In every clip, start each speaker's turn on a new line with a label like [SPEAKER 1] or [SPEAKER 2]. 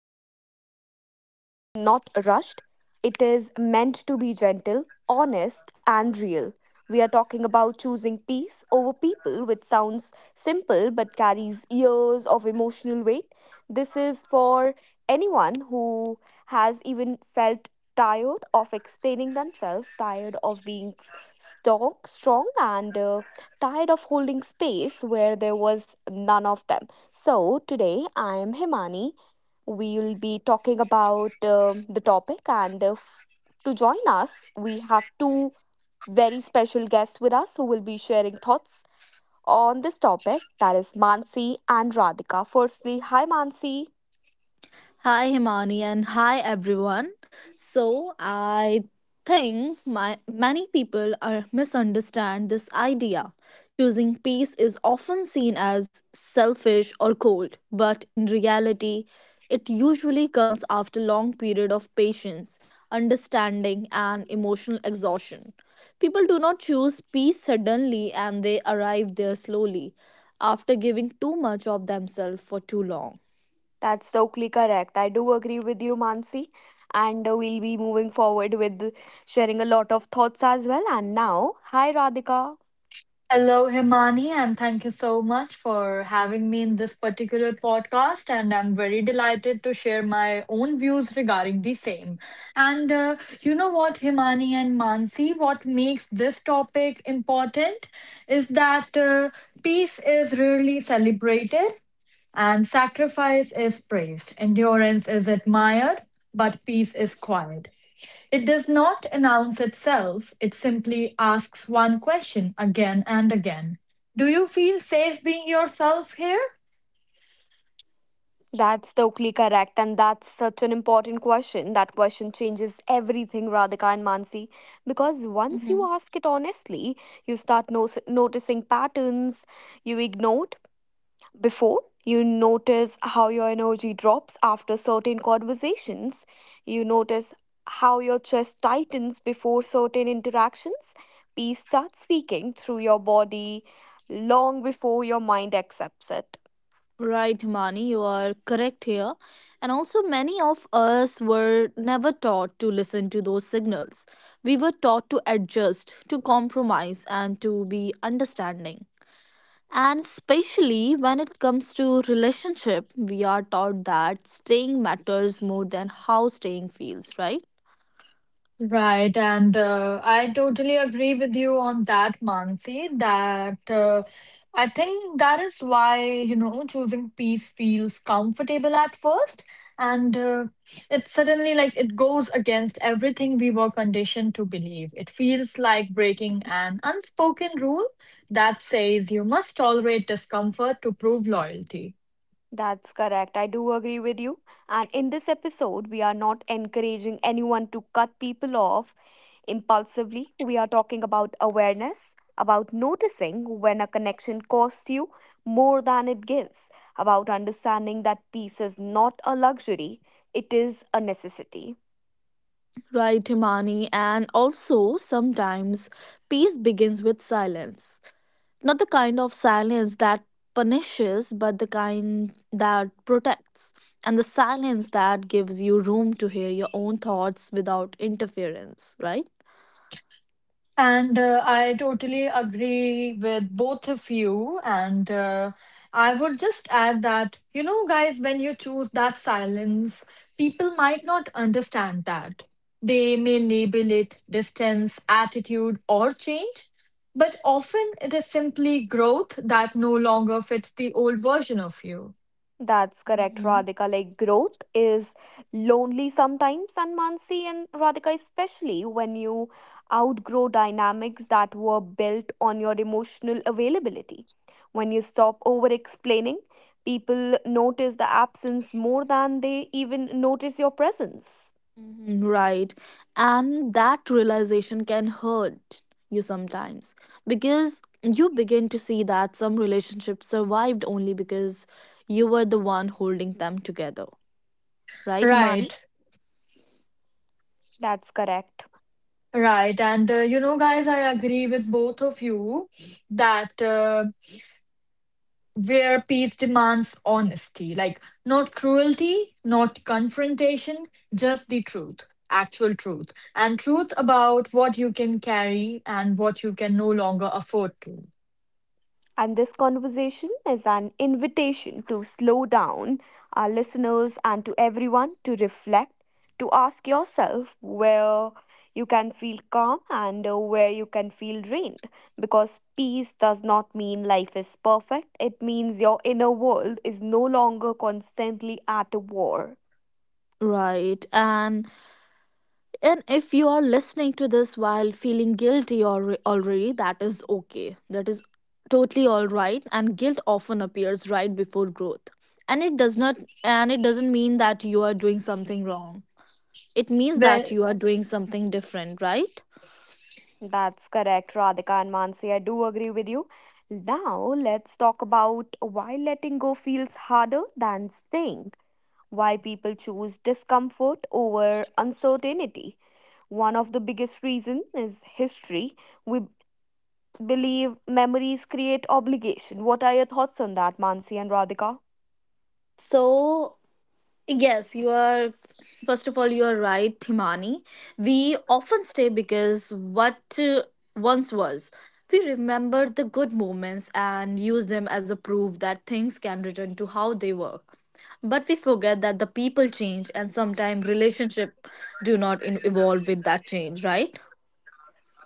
[SPEAKER 1] is not loud and it is not rushed. It is meant to be gentle, honest, and real. We are talking about choosing peace over people, which sounds simple but carries years of emotional weight. This is for anyone who has even felt tired of explaining themselves, tired of being strong and tired of holding space where there was none of them. So, today I am Himani. We will be talking about the topic, and to join us, we have two very special guests with us who will be sharing thoughts on this topic. That is Mansi and Radhika. Firstly, hi Mansi.
[SPEAKER 2] Hi, Himani, and hi, everyone. I think many people are misunderstand this idea. Choosing peace is often seen as selfish or cold, but in reality, it usually comes after long period of patience, understanding, and emotional exhaustion. People do not choose peace suddenly, and they arrive there slowly after giving too much of themselves for too long.
[SPEAKER 1] That's totally correct. I do agree with you, Mansi. And we'll be moving forward with sharing a lot of thoughts as well. And now, hi Radhika.
[SPEAKER 3] Hello, Himani, and thank you so much for having me in this particular podcast. And I'm very delighted to share my own views regarding the same. And you know what, Himani and Mansi, what makes this topic important is that peace is rarely celebrated and sacrifice is praised, endurance is admired, but peace is quiet. It does not announce itself, it simply asks one question again and again. Do you feel safe being yourself here?
[SPEAKER 1] That's totally correct, and that's such an important question. That question changes everything, Radhika and Mansi, because once you ask it honestly, you start noticing patterns you ignored before. You notice how your energy drops after certain conversations. You notice how your chest tightens before certain interactions. Peace starts speaking through your body long before your mind accepts it.
[SPEAKER 2] Right, Mani, you are correct here. And also, many of us were never taught to listen to those signals. We were taught to adjust, to compromise, and to be understanding. And especially when it comes to relationship, we are taught that staying matters more than how staying feels, right?
[SPEAKER 3] Right, and I totally agree with you on that, Mansi, that I think that is why, you know, choosing peace feels comfortable at first, and it suddenly like it goes against everything we were conditioned to believe. It feels like breaking an unspoken rule that says you must tolerate discomfort to prove loyalty.
[SPEAKER 1] That's correct. I do agree with you. And in this episode, we are not encouraging anyone to cut people off impulsively. We are talking about awareness, about noticing when a connection costs you more than it gives, about understanding that peace is not a luxury, it is a necessity.
[SPEAKER 2] Right, Himani. And also, sometimes peace begins with silence. Not the kind of silence that punishes, but the kind that protects, and the silence that gives you room to hear your own thoughts without interference, right?
[SPEAKER 3] And I totally agree with both of you. And I would just add that, you know, guys, when you choose that silence, people might not understand that. They may label it distance, attitude, or change, but often it is simply growth that no longer fits the old version of you.
[SPEAKER 1] That's correct,
[SPEAKER 2] Mhm.
[SPEAKER 1] Radhika. Like growth is lonely sometimes, and Mansi and Radhika, especially when you outgrow dynamics that were built on your emotional availability. When you stop over explaining, people notice the absence more than they even notice your presence.
[SPEAKER 2] Mhm. Right. And that realization can hurt you sometimes because you begin to see that some relationships survived only because you were the one holding them together. Right, Imani?
[SPEAKER 3] Right,
[SPEAKER 1] That's correct.
[SPEAKER 3] right. And You know, guys, I agree with both of you that, where peace demands honesty, like not cruelty, not confrontation, just the truth, actual truth, and truth about what you can carry and what you can no longer afford to.
[SPEAKER 1] And this conversation is an invitation to slow down our listeners and to everyone to reflect, to ask yourself where you can feel calm and where you can feel drained. Because peace does not mean life is perfect, it means your inner world is no longer constantly at war.
[SPEAKER 2] Right. And if you are listening to this while feeling guilty or already, that is okay. That is totally all right. And guilt often appears right before growth. And it does not and it doesn't mean that you are doing something wrong. It means that you are doing something different, right?
[SPEAKER 1] That's correct, Radhika and Mansi. I do agree with you. Now, let's talk about why letting go feels harder than staying, why people choose discomfort over uncertainty. One of the biggest reasons is history. We believe memories create obligation. What are your thoughts on that, Mansi and Radhika?
[SPEAKER 2] So, yes, you are. First of all, you are right, Himani. We often stay because what once was. We remember the good moments and use them as a proof that things can return to how they were. But we forget that the people change and sometimes relationship do not evolve with that change, right?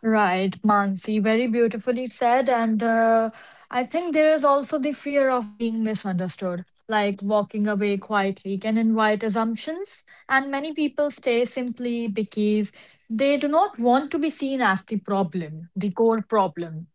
[SPEAKER 3] Right, Mansi, very beautifully said. And I think there is also the fear of being misunderstood, like walking away quietly can invite assumptions. And many people stay simply because they do not want to be seen as the problem, the core problem.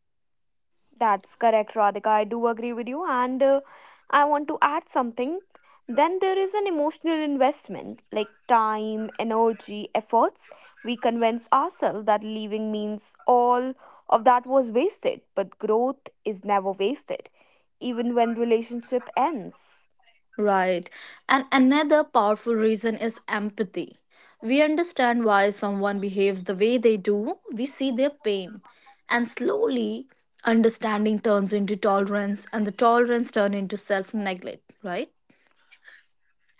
[SPEAKER 1] That's correct, Radhika. I do agree with you. And I want to add something. Then there is an emotional investment like time, energy, efforts. We convince ourselves that leaving means all of that was wasted, but growth is never wasted, even when relationship ends.
[SPEAKER 2] Right. And another powerful reason is empathy. We understand why someone behaves the way they do, we see their pain. And slowly, understanding turns into tolerance, and the tolerance turns into self neglect, right?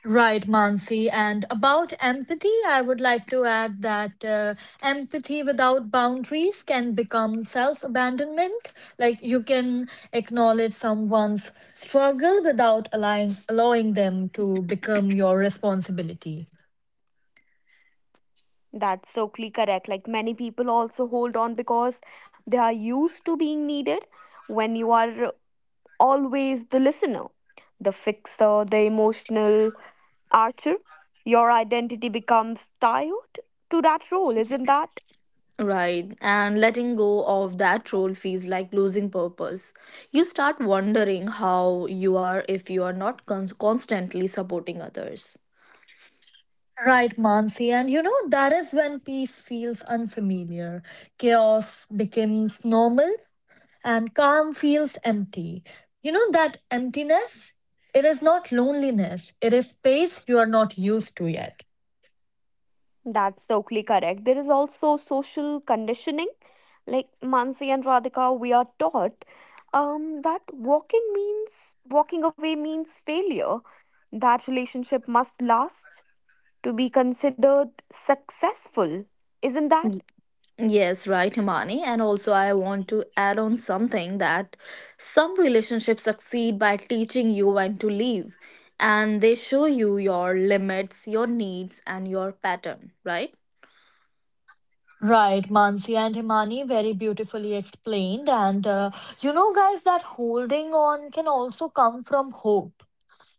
[SPEAKER 3] Right, Mansi. And about empathy, I would like to add that empathy without boundaries can become self abandonment. Like you can acknowledge someone's struggle without allowing them to become your responsibility.
[SPEAKER 1] That's totally correct. Like many people also hold on because they are used to being needed when you are always the listener, the fixer, the emotional Archer, your identity becomes tied to that role, isn't that?
[SPEAKER 2] Right. And letting go of that role feels like losing purpose. You start wondering how you are if you are not constantly supporting others.
[SPEAKER 3] Right, Mansi. And you know, that is when peace feels unfamiliar. Chaos becomes normal and calm feels empty. You know that emptiness? It is not loneliness, it is space you are not used to yet.
[SPEAKER 1] That's totally correct. There is also social conditioning. Like Mansi and Radhika, we are taught that walking away means failure. That relationship must last to be considered successful, isn't that?
[SPEAKER 2] Yes, right, Himani. And also, I want to add on something that some relationships succeed by teaching you when to leave, and they show you your limits, your needs, and your pattern, right?
[SPEAKER 3] Right, Mansi and Himani, very beautifully explained. And You know, guys, that holding on can also come from hope.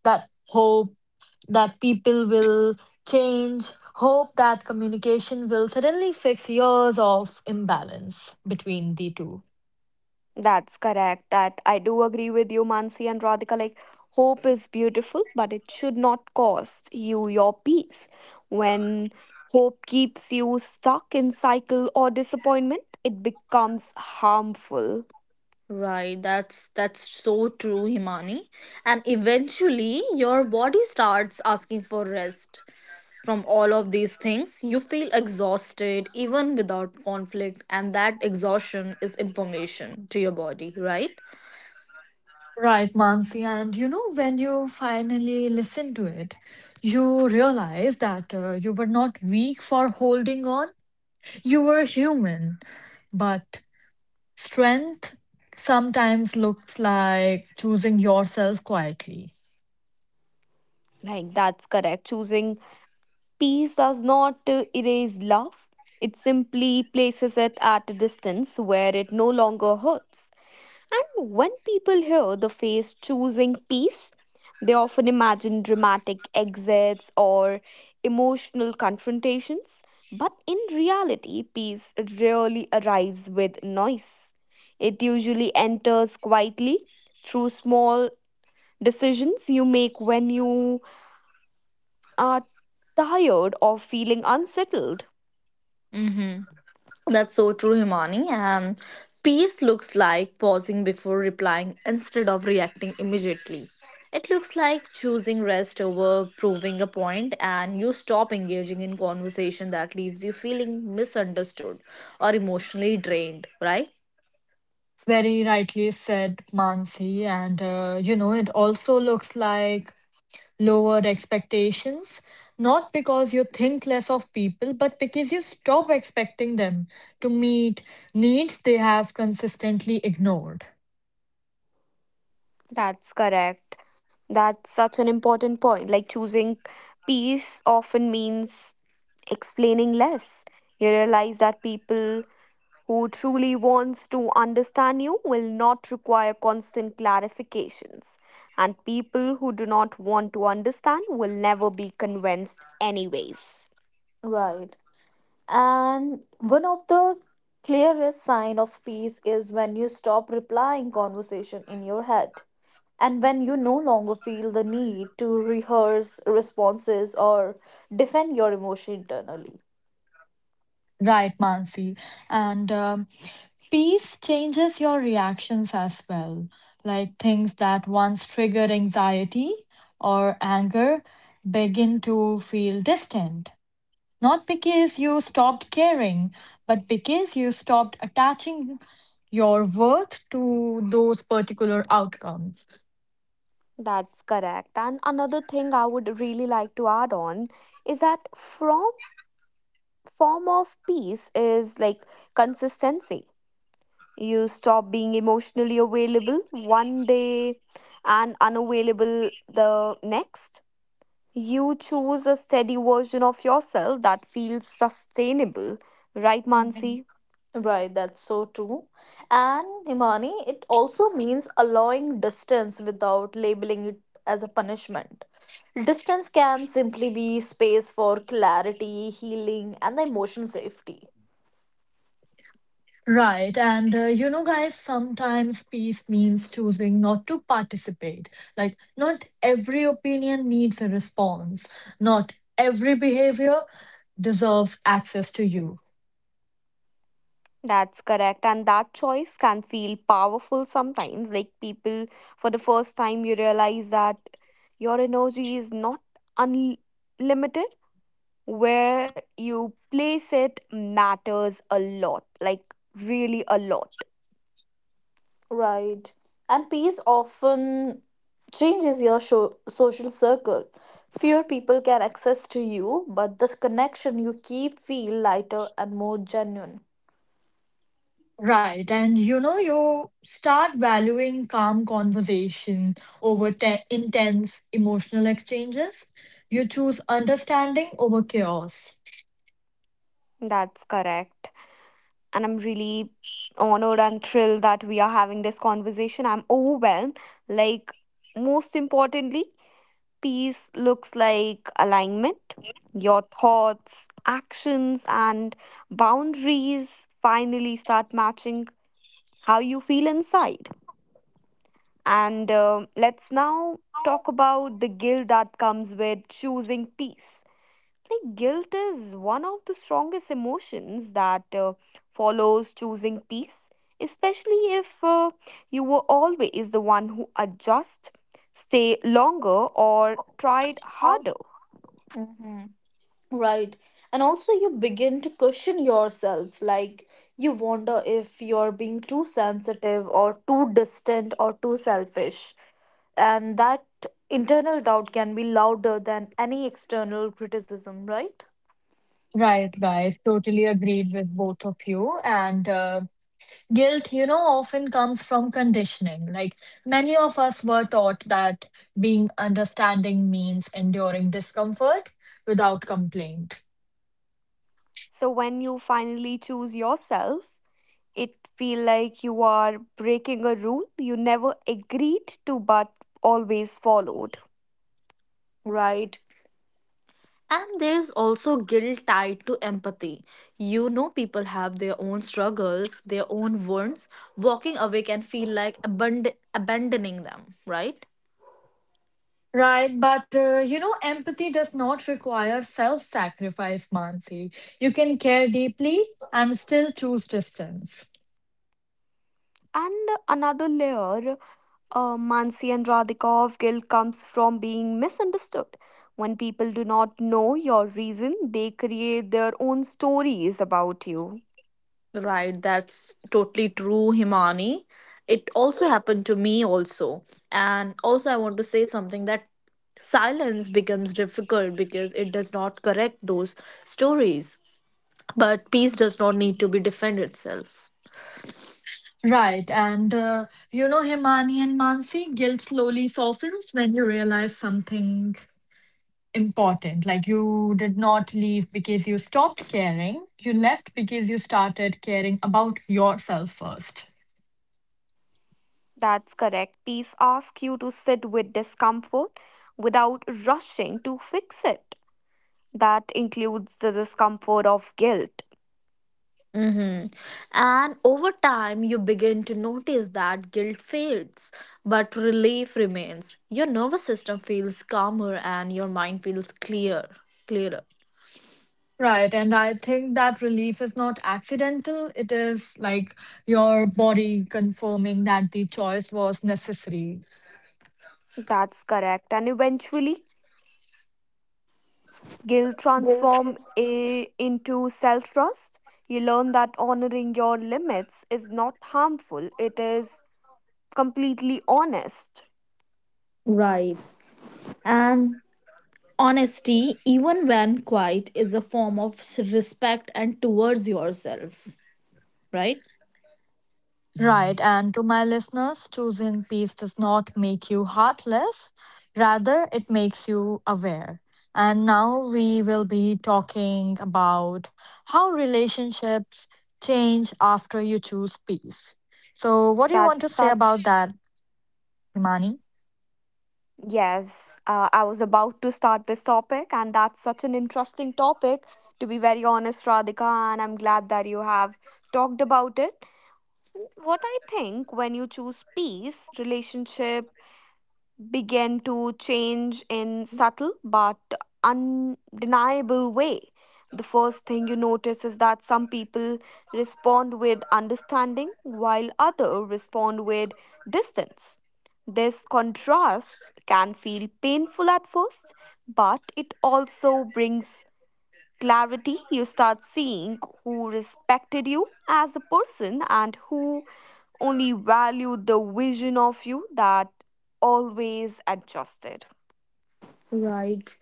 [SPEAKER 3] That hope that people will change, hope that communication will suddenly fix years of imbalance between the two.
[SPEAKER 1] That's correct. That I do agree with you, Mansi and Radhika. Like, hope is beautiful, but it should not cost you your peace. When hope keeps you stuck in cycle or disappointment, it becomes harmful.
[SPEAKER 2] Right, that's so true, Himani. And eventually, your body starts asking for rest from all of these things. You feel exhausted even without conflict, and that exhaustion is information to your body, right?
[SPEAKER 3] Right, Mansi. And you know, when you finally listen to it, you realize that you were not weak for holding on. You were human. But strength sometimes looks like choosing yourself quietly.
[SPEAKER 1] Like, that's correct. Choosing peace does not erase love, it simply places it at a distance where it no longer hurts. And when people hear the phrase choosing peace, they often imagine dramatic exits or emotional confrontations. But in reality, peace rarely arrives with noise. It usually enters quietly through small decisions you make when you are tired or feeling unsettled.
[SPEAKER 2] Mm-hmm. That's so true, Himani. And peace looks like pausing before replying instead of reacting immediately. It looks like choosing rest over proving a point, and you stop engaging in conversation that leaves you feeling misunderstood or emotionally drained, right?
[SPEAKER 3] Very rightly said, Mansi. And You know, it also looks like lowered expectations, not because you think less of people, but because you stop expecting them to meet needs they have consistently ignored.
[SPEAKER 1] That's correct. That's such an important point. Like choosing peace often means explaining less. You realize that people who truly wants to understand you will not require constant clarifications and people who do not want to understand will never be convinced anyways.
[SPEAKER 2] Right. And one of the clearest sign of peace is when you stop replying conversation in your head and when you no longer feel the need to rehearse responses or defend your emotion internally.
[SPEAKER 3] Right, Mansi. And peace changes your reactions as well. Like things that once triggered anxiety or anger begin to feel distant, not because you stopped caring, but because you stopped attaching your worth to those particular outcomes.
[SPEAKER 1] That's correct. And another thing I would really like to add on is that from form of peace is like consistency. You stop being emotionally available one day and unavailable the next. You choose a steady version of yourself that feels sustainable, right,
[SPEAKER 2] Mhm.
[SPEAKER 1] Mansi?
[SPEAKER 2] Right, that's so true. And Himani, it also means allowing distance without labeling it as a punishment. Distance can simply be space for clarity, healing, and the emotional safety.
[SPEAKER 3] Right. And You know, guys, sometimes peace means choosing not to participate. Like, not every opinion needs a response, not every behavior deserves access to you.
[SPEAKER 1] That's correct, and that choice can feel powerful sometimes. Like people, for the first time, you realize that your energy is not unlimited. Where you place it matters a lot, like really a lot.
[SPEAKER 2] Right. And peace often changes your social circle. Fewer people can access to you, but the connection you keep feel lighter and more genuine.
[SPEAKER 3] Right. And you know, you start valuing calm conversation over intense emotional exchanges. You choose understanding over chaos.
[SPEAKER 1] That's correct. And I'm really honored and thrilled that we are having this conversation. I'm overwhelmed. Like, most importantly, peace looks like alignment. Your thoughts, actions, and boundaries finally start matching how you feel inside. And let's now talk about the guilt that comes with choosing peace. Like guilt is one of the strongest emotions that follows choosing peace, especially if you were always the one who adjust, stay longer, or tried harder.
[SPEAKER 2] Mm-hmm. Right. And also, you begin to question yourself. Like, you wonder if you're being too sensitive or too distant or too selfish. And that internal doubt can be louder than any external criticism, right?
[SPEAKER 3] Right, guys. Totally agreed with both of you. And guilt, you know, often comes from conditioning. Like many of us were taught that being understanding means enduring discomfort without complaint.
[SPEAKER 1] So when you finally choose yourself, it feel like you are breaking a rule you never agreed to but always followed.
[SPEAKER 2] Right. And there's also guilt tied to empathy. You know, people have their own struggles, their own wounds. Walking away can feel like abandoning them, right?
[SPEAKER 3] Right, but you know, empathy does not require self sacrifice, Mansi. You can care deeply and still choose distance.
[SPEAKER 1] And another layer, Mansi and Radhikov, guilt comes from being misunderstood. When people do not know your reason, they create their own stories about you.
[SPEAKER 2] Right, that's totally true, Himani. It also happened to me, also. And also, I want to say something that silence becomes difficult because it does not correct those stories. But peace does not need to be defend itself.
[SPEAKER 3] Right, and you know, Himani and Mansi, guilt slowly softens when you realize something important. Like you did not leave because you stopped caring, you left because you started caring about yourself first.
[SPEAKER 1] That's correct. Peace asks you to sit with discomfort without rushing to fix it. That includes the discomfort of guilt.
[SPEAKER 2] Mm-hmm. And over time, you begin to notice that guilt fades, but relief remains. Your nervous system feels calmer and your mind feels clearer.
[SPEAKER 3] Right, and I think that relief is not accidental. It is like your body confirming that the choice was necessary.
[SPEAKER 1] That's correct. And eventually, guilt
[SPEAKER 2] Guilt
[SPEAKER 1] transforms
[SPEAKER 2] was-
[SPEAKER 1] into self trust. You learn that honoring your limits is not harmful, it is completely honest.
[SPEAKER 2] Right. And honesty, even when quiet, is a form of respect and towards yourself, right?
[SPEAKER 3] Right, and to my listeners, choosing peace does not make you heartless, rather, it makes you aware. And now we will be talking about how relationships change after you choose peace. So, what do you want
[SPEAKER 1] That's
[SPEAKER 3] to say about
[SPEAKER 1] such,
[SPEAKER 3] that, Himani?
[SPEAKER 1] yes, I was about to start this topic, and that's such an interesting topic, to be very honest, Radhika, and I'm glad that you have talked about it. What I think when you choose peace, relationship, began to change in subtle but undeniable way. The first thing you notice is that some people respond with understanding while others respond with distance. This contrast can feel painful at first, but it also brings clarity. You start seeing who respected you as a person and who only valued the vision of you that always adjusted.
[SPEAKER 2] Right.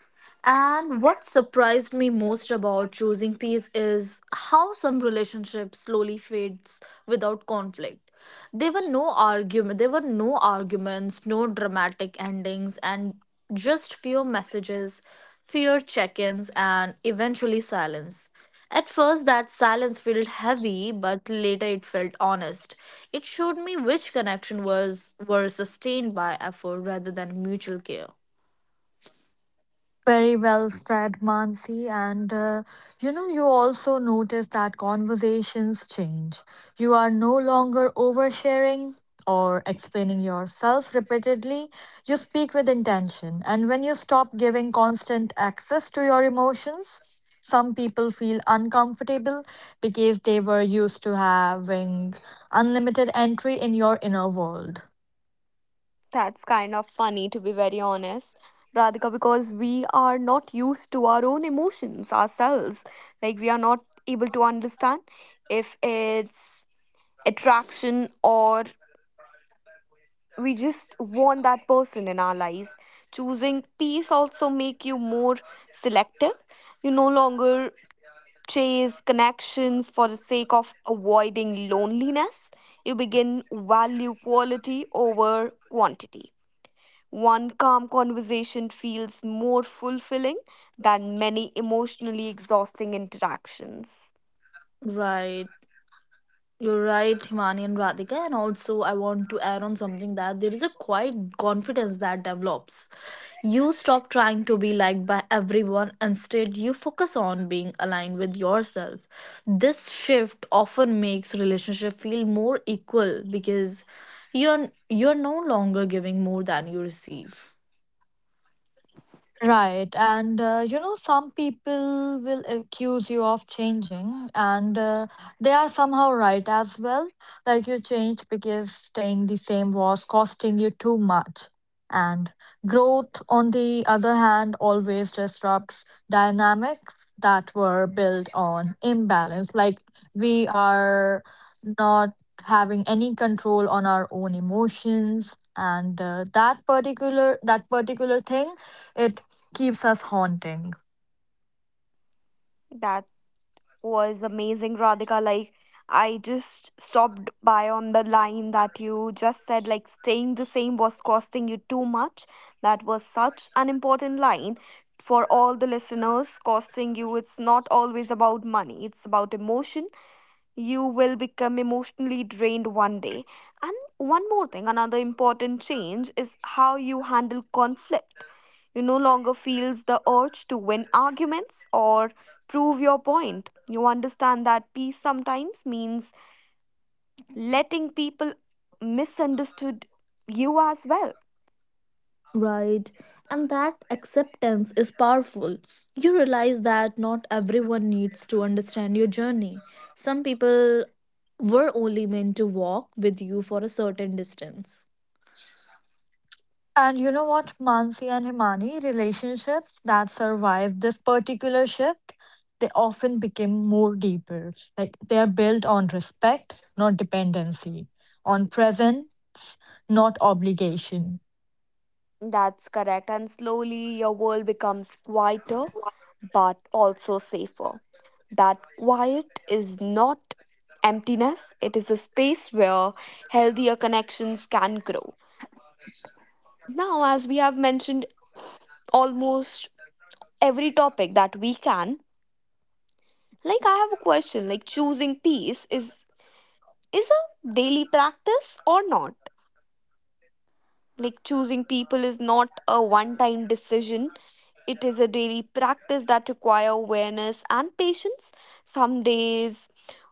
[SPEAKER 2] And what surprised me most about choosing peace is how some relationships slowly fades without conflict. There were no arguments, no dramatic endings and just few messages, few check-ins and eventually silence. At first that silence felt heavy but later it felt honest. It showed me which connection was were sustained by effort rather than mutual care.
[SPEAKER 3] Very well said, Mansi. And you know, you also notice that conversations change. You are no longer oversharing or explaining yourself repeatedly. You speak with intention. And when you stop giving constant access to your emotions, some people feel uncomfortable because they were used to having unlimited entry in your inner world.
[SPEAKER 1] That's kind of funny, to be very honest, Radhika, because we are not used to our own emotions ourselves. Like, we are not able to understand if it's attraction or we just want that person in our lives. Choosing peace also make you more selective. You no longer chase connections for the sake of avoiding loneliness. You begin value quality over quantity. One calm conversation feels more fulfilling than many emotionally exhausting interactions.
[SPEAKER 2] Right. You're right, Himani and Radhika. And also, I want to add on something that there is a quiet confidence that develops. You stop trying to be liked by everyone, instead, you focus on being aligned with yourself. This shift often makes relationship feel more equal because you're no longer giving more than you receive.
[SPEAKER 3] Right. You know, some people will accuse you of changing, and they are somehow right as well. Like you changed because staying the same was costing you too much. And growth, on the other hand, always disrupts dynamics that were built on imbalance. Like we are not having any control on our own emotions, and that particular thing, it keeps us haunting.
[SPEAKER 1] That's was amazing, Radhika. Like, I just stopped by on the line that you just said, like, staying the same was costing you too much. That was such an important line for all the listeners. Costing you, it's not always about money, it's about emotion. You will become emotionally drained one day. And one more thing, another important change is how you handle conflict. You no longer feels the urge to win arguments or prove your point. You understand that peace sometimes means letting people misunderstood you as well.
[SPEAKER 2] Right. And that acceptance is powerful. You realize that not everyone needs to understand your journey. Some people were only meant to walk with you for a certain distance.
[SPEAKER 3] And you know what, Mansi and Himani, relationships that survive this particular shift, they often become more deeper. Like they are built on respect, not dependency, on presence, not obligation.
[SPEAKER 1] That's correct. And slowly your world becomes quieter but also safer. That quiet is not emptiness, it is a space where healthier connections can grow. Now, as we have mentioned almost every topic that we can, like I have a question, like choosing peace is a daily practice or not? Like choosing people is not a one time decision. It is a daily practice that require awareness and patience. Some days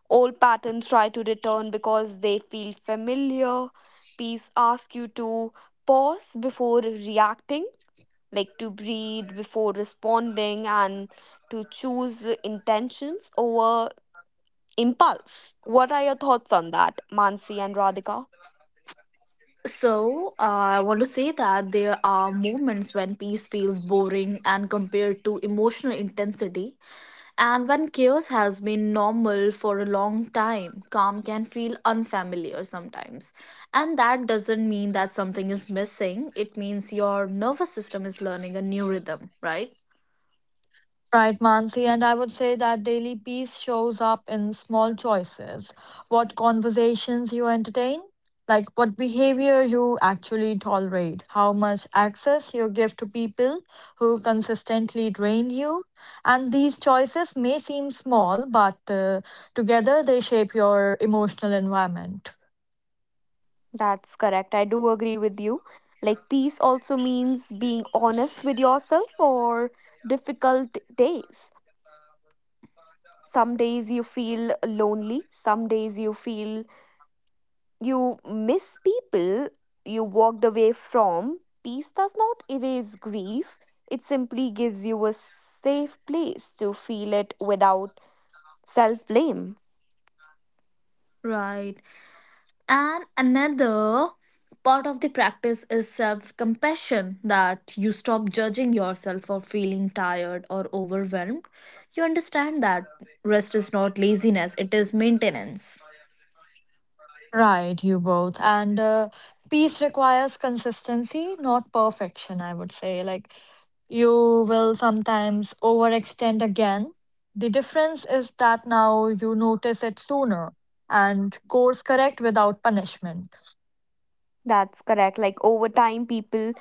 [SPEAKER 1] old patterns try to return because they feel familiar. Peace asks you to pause before reacting, like to breathe before responding and to choose intentions over impulse. What are your thoughts on that, Mansi and Radhika?
[SPEAKER 2] So, I want to say that there are moments when peace feels boring and compared to emotional intensity, and when chaos has been normal for a long time, calm can feel unfamiliar sometimes. And that doesn't mean that something is missing, it means your nervous system is learning a new rhythm, right?
[SPEAKER 3] Right, Mansi, and I would say that daily peace shows up in small choices. What conversations you entertain, like what behavior you actually tolerate, how much access you give to people who consistently drain you. And these choices may seem small, but together they shape your emotional environment.
[SPEAKER 1] That's correct. I do agree with you. Like, peace also means being honest with yourself or difficult days. Some days you feel lonely, some days you feel, you miss people you walked away from. Peace does not erase grief, it simply gives you a safe place to feel it without self blame.
[SPEAKER 2] Right. And another part of the practice is self compassion that you stop judging yourself for feeling tired or overwhelmed. You understand that rest is not laziness, it is maintenance.
[SPEAKER 3] Right, you both. And peace requires consistency, not perfection, I would say. Like, you will sometimes overextend again. The difference is that now you notice it sooner and course correct without punishment.
[SPEAKER 1] That's correct. Like over time, people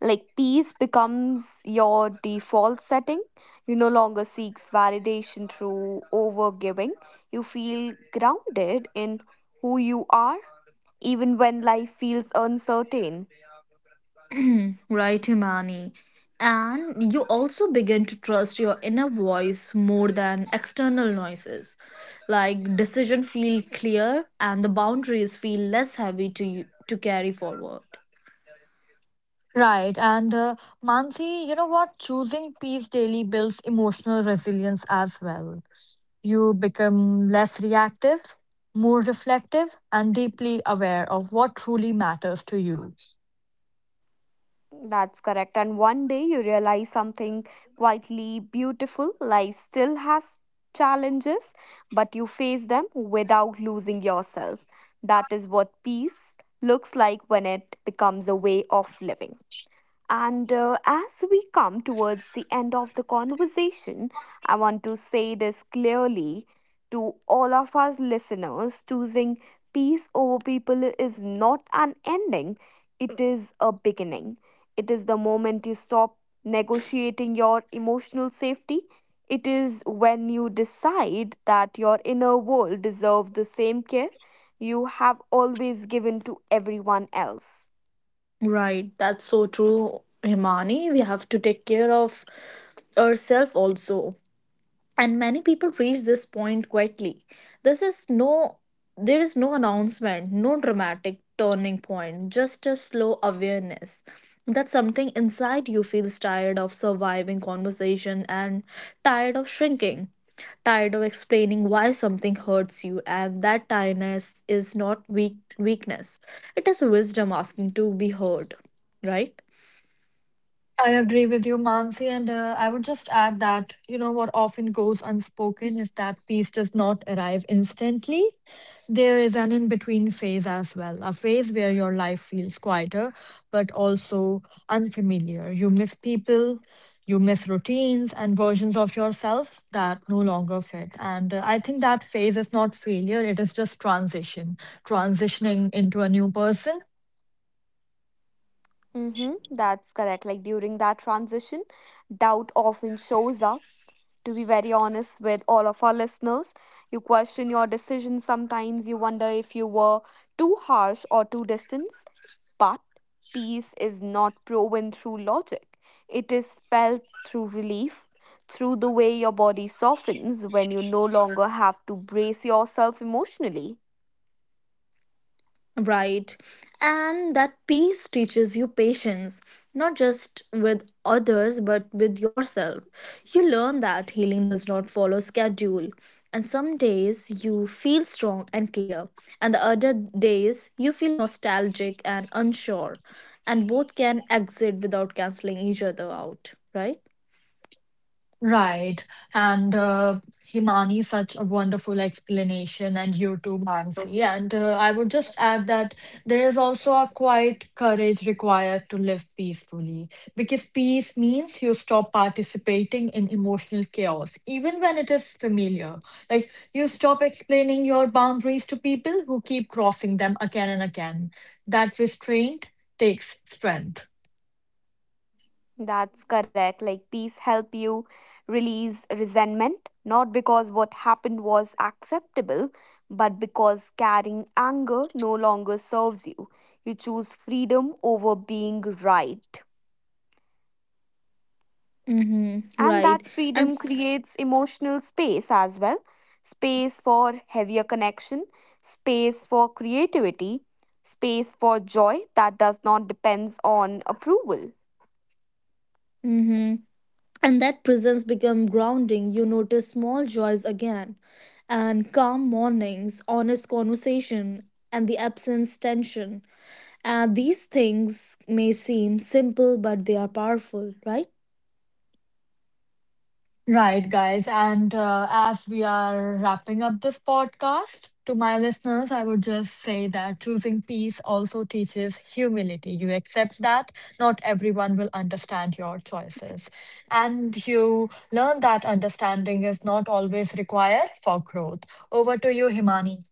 [SPEAKER 1] like peace becomes your default setting. You no longer seeks validation through overgiving. You feel grounded in who you are, even when life feels uncertain.
[SPEAKER 2] Right, Himani. And you also begin to trust your inner voice more than external noises. Like decision feel clear and the boundaries feel less heavy to you to carry forward.
[SPEAKER 3] Right, and Mansi, you know what? Choosing peace daily builds emotional resilience as well. You become less reactive, more reflective, and deeply aware of what truly matters to you.
[SPEAKER 1] That's correct. And one day you realize something quietly beautiful. Life still has challenges, but you face them without losing yourself. That is what peace looks like when it becomes a way of living. And as we come towards the end of the conversation, I want to say this clearly to all of us listeners, choosing peace over people is not an ending, it is a beginning. It is the moment you stop negotiating your emotional safety. It is when you decide that your inner world deserves the same care you have always given to everyone else.
[SPEAKER 2] Right, that's so true, Himani. We have to take care of ourselves also. And many people reach this point quietly. This is no There is no announcement, no dramatic turning point, just a slow awareness that something inside you feels tired of surviving conversation and tired of shrinking, tired of explaining why something hurts you. And that tiredness is not weakness, it is wisdom asking to be heard, right?
[SPEAKER 3] I agree with you, Mansi, and I would just add that, you know, what often goes unspoken is that peace does not arrive instantly. There is an in between phase as well, a phase where your life feels quieter, but also unfamiliar. You miss people, you miss routines and versions of yourself that no longer fit. And I think that phase is not failure, it is just transition, transitioning into a new person.
[SPEAKER 1] Mm-hmm, that's correct. Like during that transition, doubt often shows up. To be very honest with all of our listeners, you question your decisions sometimes, you wonder if you were too harsh or too distant. But peace is not proven through logic, it is felt through relief, through the way your body softens when you no longer have to brace yourself emotionally.
[SPEAKER 2] Right. And that peace teaches you patience, not just with others, but with yourself. You learn that healing does not follow schedule. And some days you feel strong and clear, and the other days you feel nostalgic and unsure. And both can exit without canceling each other out, right?
[SPEAKER 3] Right. And Himani, such a wonderful explanation, and you too, Mansi. And I would just add that there is also a quiet courage required to live peacefully because peace means you stop participating in emotional chaos, even when it is familiar. Like you stop explaining your boundaries to people who keep crossing them again and again. That restraint takes strength.
[SPEAKER 1] That's correct. Like peace help you release resentment, not because what happened was acceptable, but because carrying anger no longer serves you. You choose freedom over being right.
[SPEAKER 2] Mm-hmm.
[SPEAKER 1] And
[SPEAKER 2] Right.
[SPEAKER 1] that
[SPEAKER 2] And
[SPEAKER 1] freedom creates emotional space as well. Space for heavier connection, space for creativity, space for joy that does not depends on approval.
[SPEAKER 2] mm-hmm. And that presence become grounding. You notice small joys again, and calm mornings, honest conversation, and the absence tension. And these things may seem simple but they are powerful, right?
[SPEAKER 3] Right, guys. And as we are wrapping up this podcast, to my listeners, I would just say that choosing peace also teaches humility. You accept that not everyone will understand your choices. And you learn that understanding is not always required for growth. Over to you, Himani.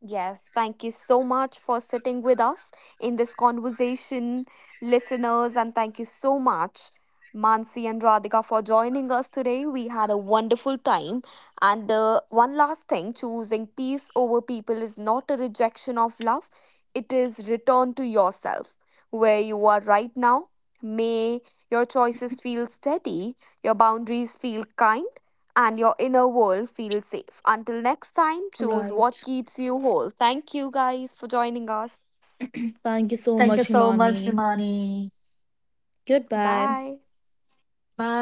[SPEAKER 1] Yes, thank you so much for sitting with us in this conversation, listeners, and thank you so much, Mansi and Radhika, for joining us today. We had a wonderful time. And one last thing, choosing peace over people is not a rejection of love, it is return to yourself where you are right now. May your choices feel steady, your boundaries feel kind and your inner world feels safe. Until next time, choose what
[SPEAKER 2] Right.
[SPEAKER 1] keeps you whole. Thank you guys for joining us.
[SPEAKER 2] Thank you
[SPEAKER 3] Thank you
[SPEAKER 2] so
[SPEAKER 3] so
[SPEAKER 2] much,
[SPEAKER 3] much,
[SPEAKER 2] Himani.
[SPEAKER 3] Himani.
[SPEAKER 2] Goodbye.
[SPEAKER 1] Bye.
[SPEAKER 3] Bye.